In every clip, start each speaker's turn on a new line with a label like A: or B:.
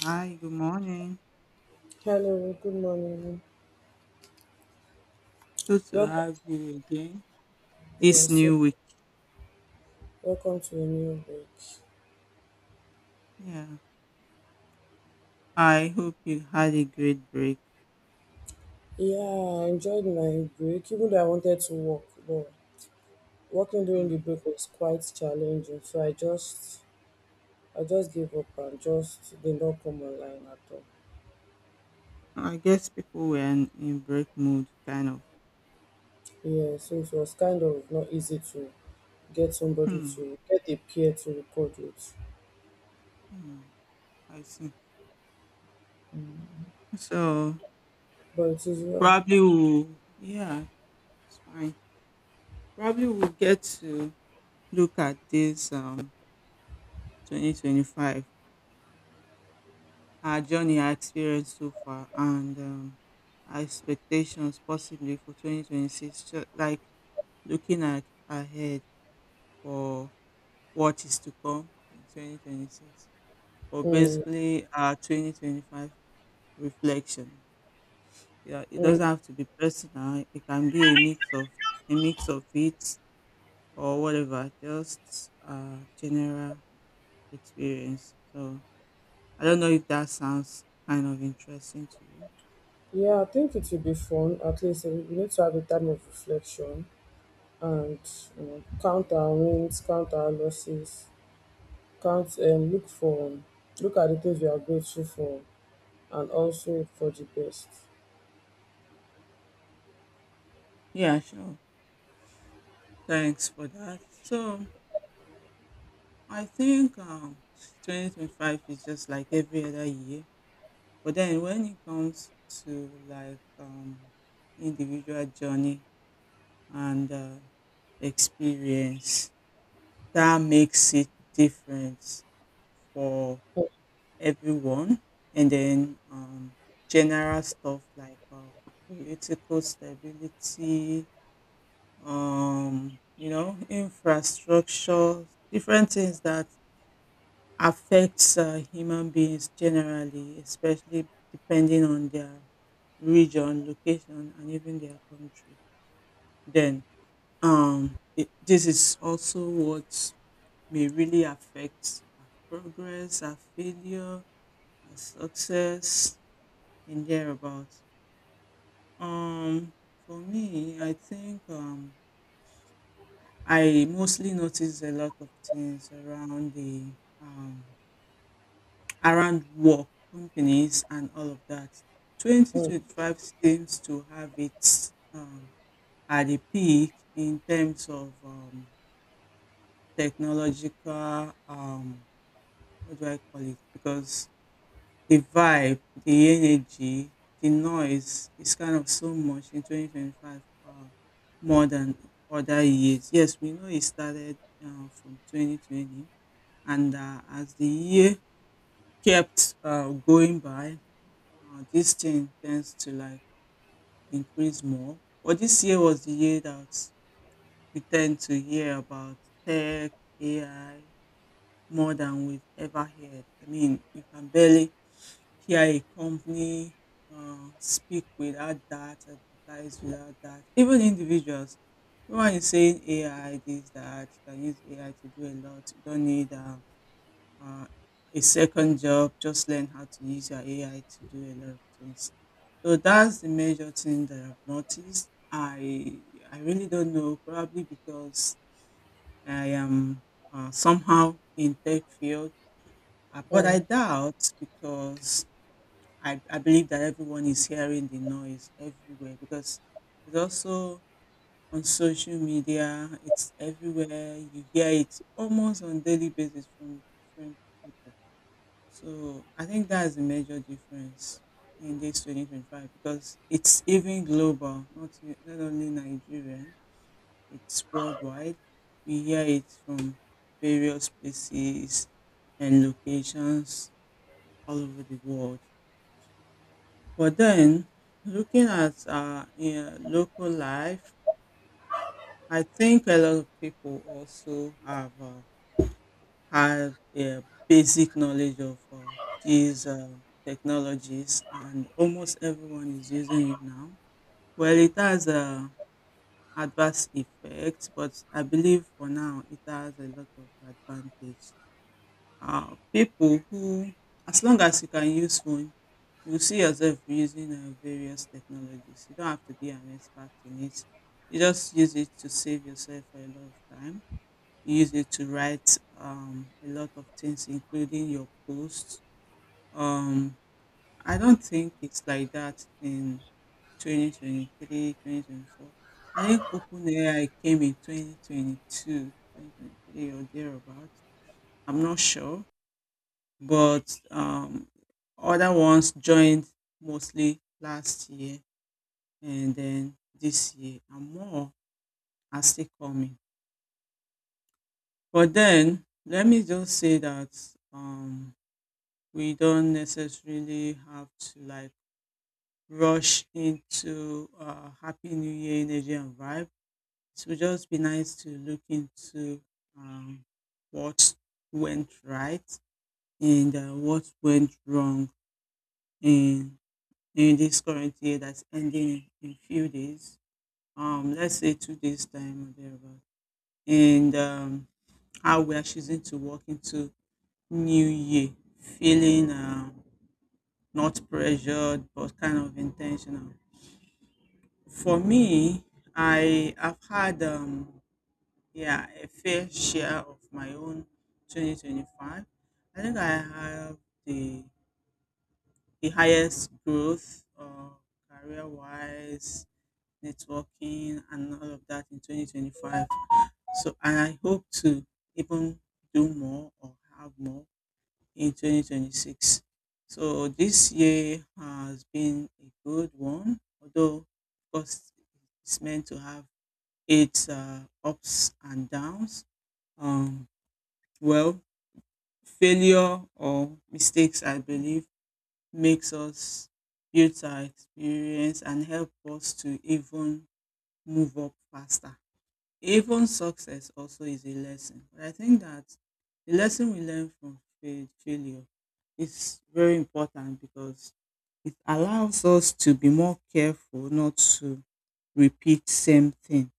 A: Hi, good morning.
B: Hello, good morning.
A: Good to
B: Welcome.
A: have you again this
B: Yes, eh,
A: new week.
B: welcome to a new break.
A: Yeah, I hope you had a great break.
B: Yeah, I enjoyed my break, even though I wanted to work, but working during the
A: Hmm.
B: break was quite challenging. I just gave up and just did not come online at all.
A: I guess people were in break mood, kind of.
B: Yeah, so it was kind of not easy to
A: Hmm.
B: get a peer to record with,
A: Hmm. I see. So
B: but it is well.
A: probably we'll, yeah, it's fine. Probably we'll get to look at this 2025, our journey, our experience so far, and our expectations possibly for 2026. Like looking at ahead for what is to come in 2026, or
B: Mm,
A: basically our 2025 reflection. Yeah, it
B: mm.
A: doesn't have to be personal. It can be a mix of it, or whatever, just general experience. So I don't know if that sounds kind of interesting to you.
B: Yeah, I think it will be fun. At least eh, we need to have a time of reflection and count our wins, count our losses, count look for look at the things we are grateful for and also for the best.
A: Yeah, sure, thanks for that. So I think 2025 is just like every other year. But then when it comes to like individual journey and experience, that makes it different for
B: Mm,
A: everyone. And then general stuff like political stability, you know, infrastructure, different things that affects human beings generally, especially depending on their region, location, and even their country. Then, this is also what may really affect our progress, our failure, our success, and thereabouts. Um, for me, I think I mostly notice a lot of things around the um, around work, companies, and all of that.
B: mm.
A: 2025 seems to have its at the peak in terms of technological, what do I call it? Because the vibe, the energy, the noise is kind of so much in 2025, more than other years. Yes, we know it started from 2020, and as the year kept going by, this thing tends to like increase more. But this year was the year that we tend to hear about tech, AI, more than we've ever heard. I mean, you can barely hear a company speak without that, advertise without that. Even individuals, no one is saying AI this that. You can use AI to do a lot. You don't need uh, a second job. Just learn how to use your AI to do a lot of things. So that's the major thing that I've noticed. I really don't know, probably because I am somehow in tech field, but I
B: mm.
A: doubt because I believe that everyone is hearing the noise everywhere because it's also on social media, it's everywhere. You hear it almost on daily basis from different people. So I think that's the major difference in this 2025, because it's even global, not not only Nigeria. It's worldwide. We hear it from various places and locations all over the world. But then, looking at in local life, I think a lot of people also have a basic knowledge of these technologies, and almost everyone is using it now. Well, it has adverse effects, but I believe for now it has a lot of advantage. People who, as long as you can use phone, you see yourself using various technologies. You don't have to be an expert in it. You just use it to save yourself a lot of time, use it to write a lot of things, including your posts. Um, I don't think it's like that in 2023, 2024. I think OpenAI came in 2022, or thereabouts. I'm not sure, but other ones joined mostly last year and then this year, and more are still coming. But then let me just say that um, we don't necessarily have to like rush into happy new year energy and vibe. It would just be nice to look into um, what went right and what went wrong in in this current year that's ending in few days. Let's say 2 days time or thereabout. And how we are choosing to walk into new year, feeling not pressured, but kind of intentional. For me, I have had yeah a fair share of my own 2025. I think I have the the highest growth, career wise, networking and all of that in 2025. So and I hope to even do more or have more in 2026. So this year has been a good one, although of course it's meant to have its ups and downs. Um, well, failure or mistakes, I believe, makes us build our experience and help us to even move up faster. Even success also is a lesson. But I think that the lesson we learn from failure is very important because it allows us to be more careful not to repeat same thing.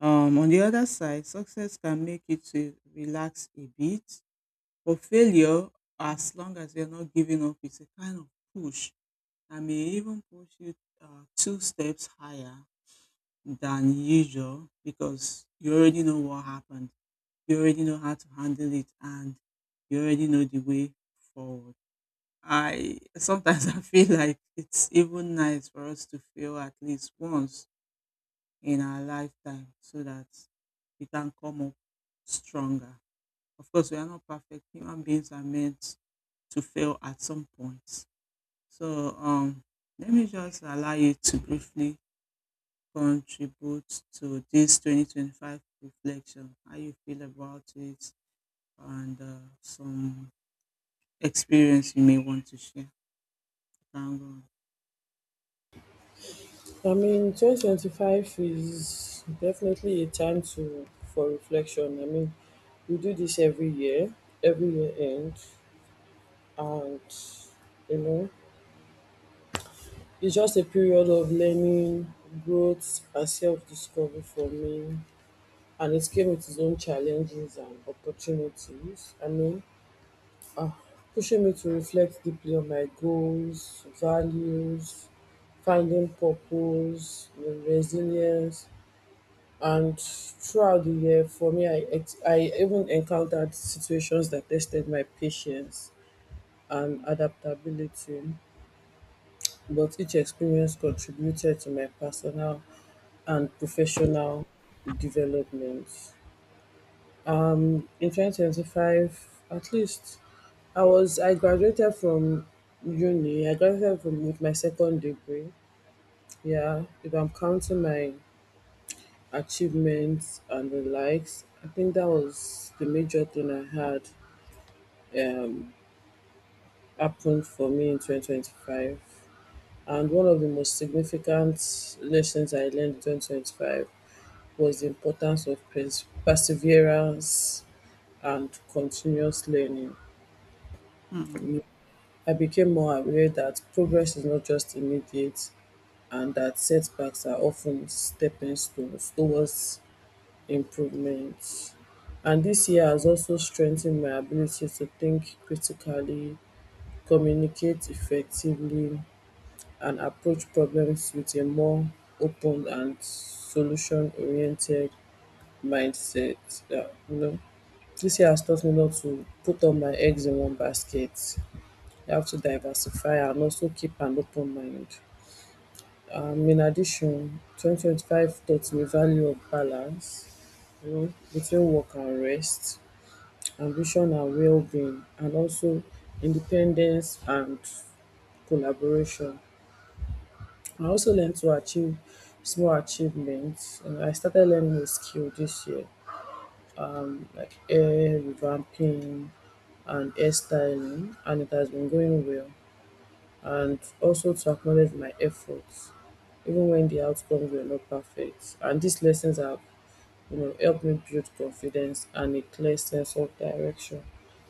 A: On the other side, success can make you to relax a bit, but failure, as long as you're not giving up, it's a kind of push, and may even push you two steps higher than usual, because you already know what happened, you already know how to handle it, and you already know the way forward. I sometimes I feel like it's even nice for us to fail at least once in our lifetime so that we can come up stronger. Of course, we are not perfect. Human beings are meant to fail at some point. So let me just allow you to briefly contribute to this 2025 reflection, how you feel about it, and some experience you may want to share. Thank God.
B: I mean, 2025 is definitely a time to for reflection. I mean, we do this every year end, and you know, it's just a period of learning, growth, and self-discovery for me. And it came with its own challenges and opportunities. I mean, pushing me to reflect deeply on my goals, values, finding purpose, you know, resilience. And throughout the year, for me, I even encountered situations that tested my patience and adaptability. But each experience contributed to my personal and professional development. In 2025, at least I graduated from uni I graduated from with my second degree. Yeah, if I'm counting my achievements and the likes, I think that was the major thing I had um happened for me in 2025. And one of the most significant lessons I learned in 2025 was the importance of perseverance and continuous learning.
A: Mm,
B: I became more aware that progress is not just immediate and that setbacks are often stepping stones towards improvement. And this year has also strengthened my ability to think critically, communicate effectively, and approach problems with a more open and solution oriented mindset. Yeah, you know, this year has taught me not to put all my eggs in one basket. You have to diversify and also keep an open mind. In addition, 2025 taught the value of balance, you know, between work and rest, ambition and well-being, and also independence and collaboration. I also learned to achieve small achievements. I started learning a skill this year, like hair revamping and hairstyling, and it has been going well. And also to acknowledge my efforts, even when the outcomes were not perfect. And these lessons have, you know, helped me build confidence and a clear sense of direction.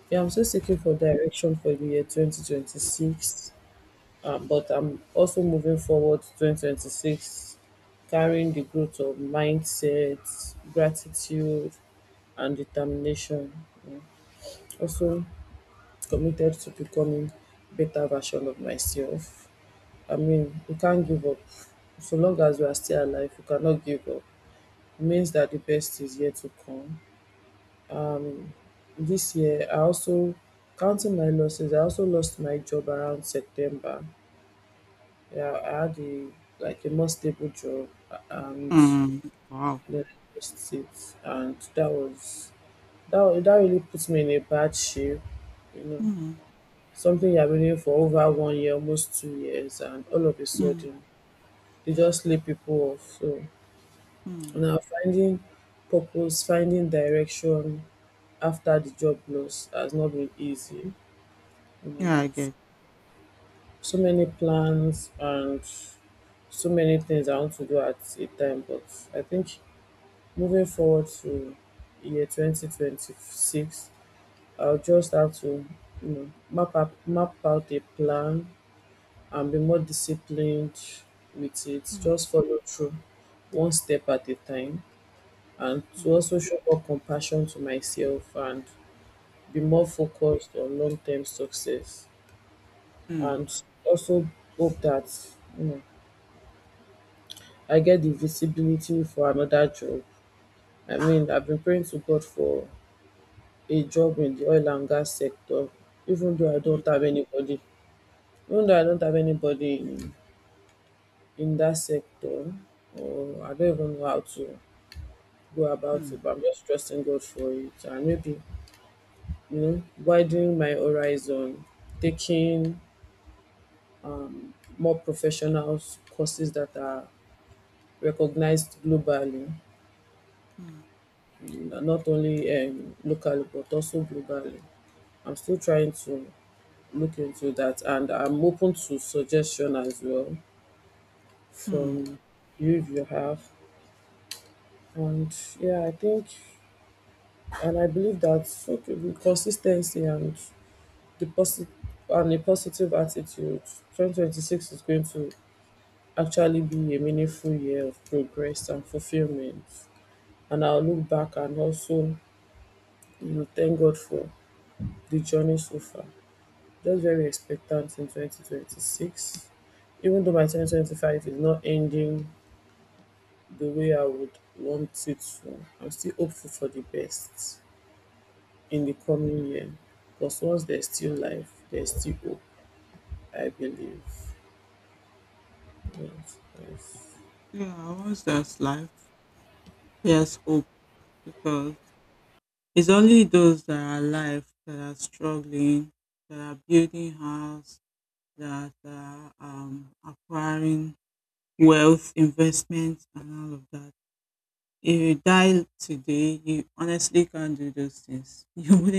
B: Yeah, I'm still seeking for direction for the year 2026, but I'm also moving forward to 2026, carrying the growth of mindset, gratitude, and determination. Also committed to becoming better version of myself. I mean, we can't give up. So long as we are still alive, we cannot give up. It means that the best is yet to come. This year, I also, counting my losses, I also lost my job around September. Yeah, I had a, like a more stable job, and
A: mm, wow.
B: then I lost it. And that really put me in a bad shape, you know.
A: Mm,
B: Something you have been doing for over 1 year, almost 2 years, and all of a
A: mm,
B: sudden, they just lay people off. So
A: mm.
B: now finding purpose, finding direction after the job loss has not been easy. You know,
A: Yeah, I get.
B: so many plans and so many things I want to do at a time, but I think moving forward to year 2026, I'll just have to, you know, map out a plan and be more disciplined with it.
A: Mm,
B: Just follow through one step at a time, and to
A: mm,
B: also show more compassion to myself and be more focused on long term success,
A: mm,
B: and also hope that, you know, I get the visibility for another job. I mean, I've been praying to God for a job in the oil and gas sector, even though I
A: mm,
B: don't have anybody, even though I don't have anybody in that sector, or I don't even know how to go about
A: mm,
B: it, but I'm just trusting God for it. And maybe, you know, widening my horizon, taking more professional courses that are recognized globally,
A: mm,
B: not only locally, but also globally. I'm still trying to look into that, and I'm open to suggestion as well
A: mm.
B: from you, if you have. And yeah, I think and I believe that, okay, with consistency and the posi- a positive attitude, 2026 is going to actually be a meaningful year of progress and fulfillment. And I'll look back and also, you know, thank God for the journey so far. Just very expectant in 2026. Even though my 2025 is not ending the way I would want it to, I'm still hopeful for the best in the coming year. Because once there's still life, there's still hope, I believe. Yes, yes.
A: Yeah, I, once there's life, there's hope, because it's only those that are alive that are struggling, that are building house, that are acquiring wealth, investment, and all of that. If you die today, you honestly can't do those things. You wouldn't.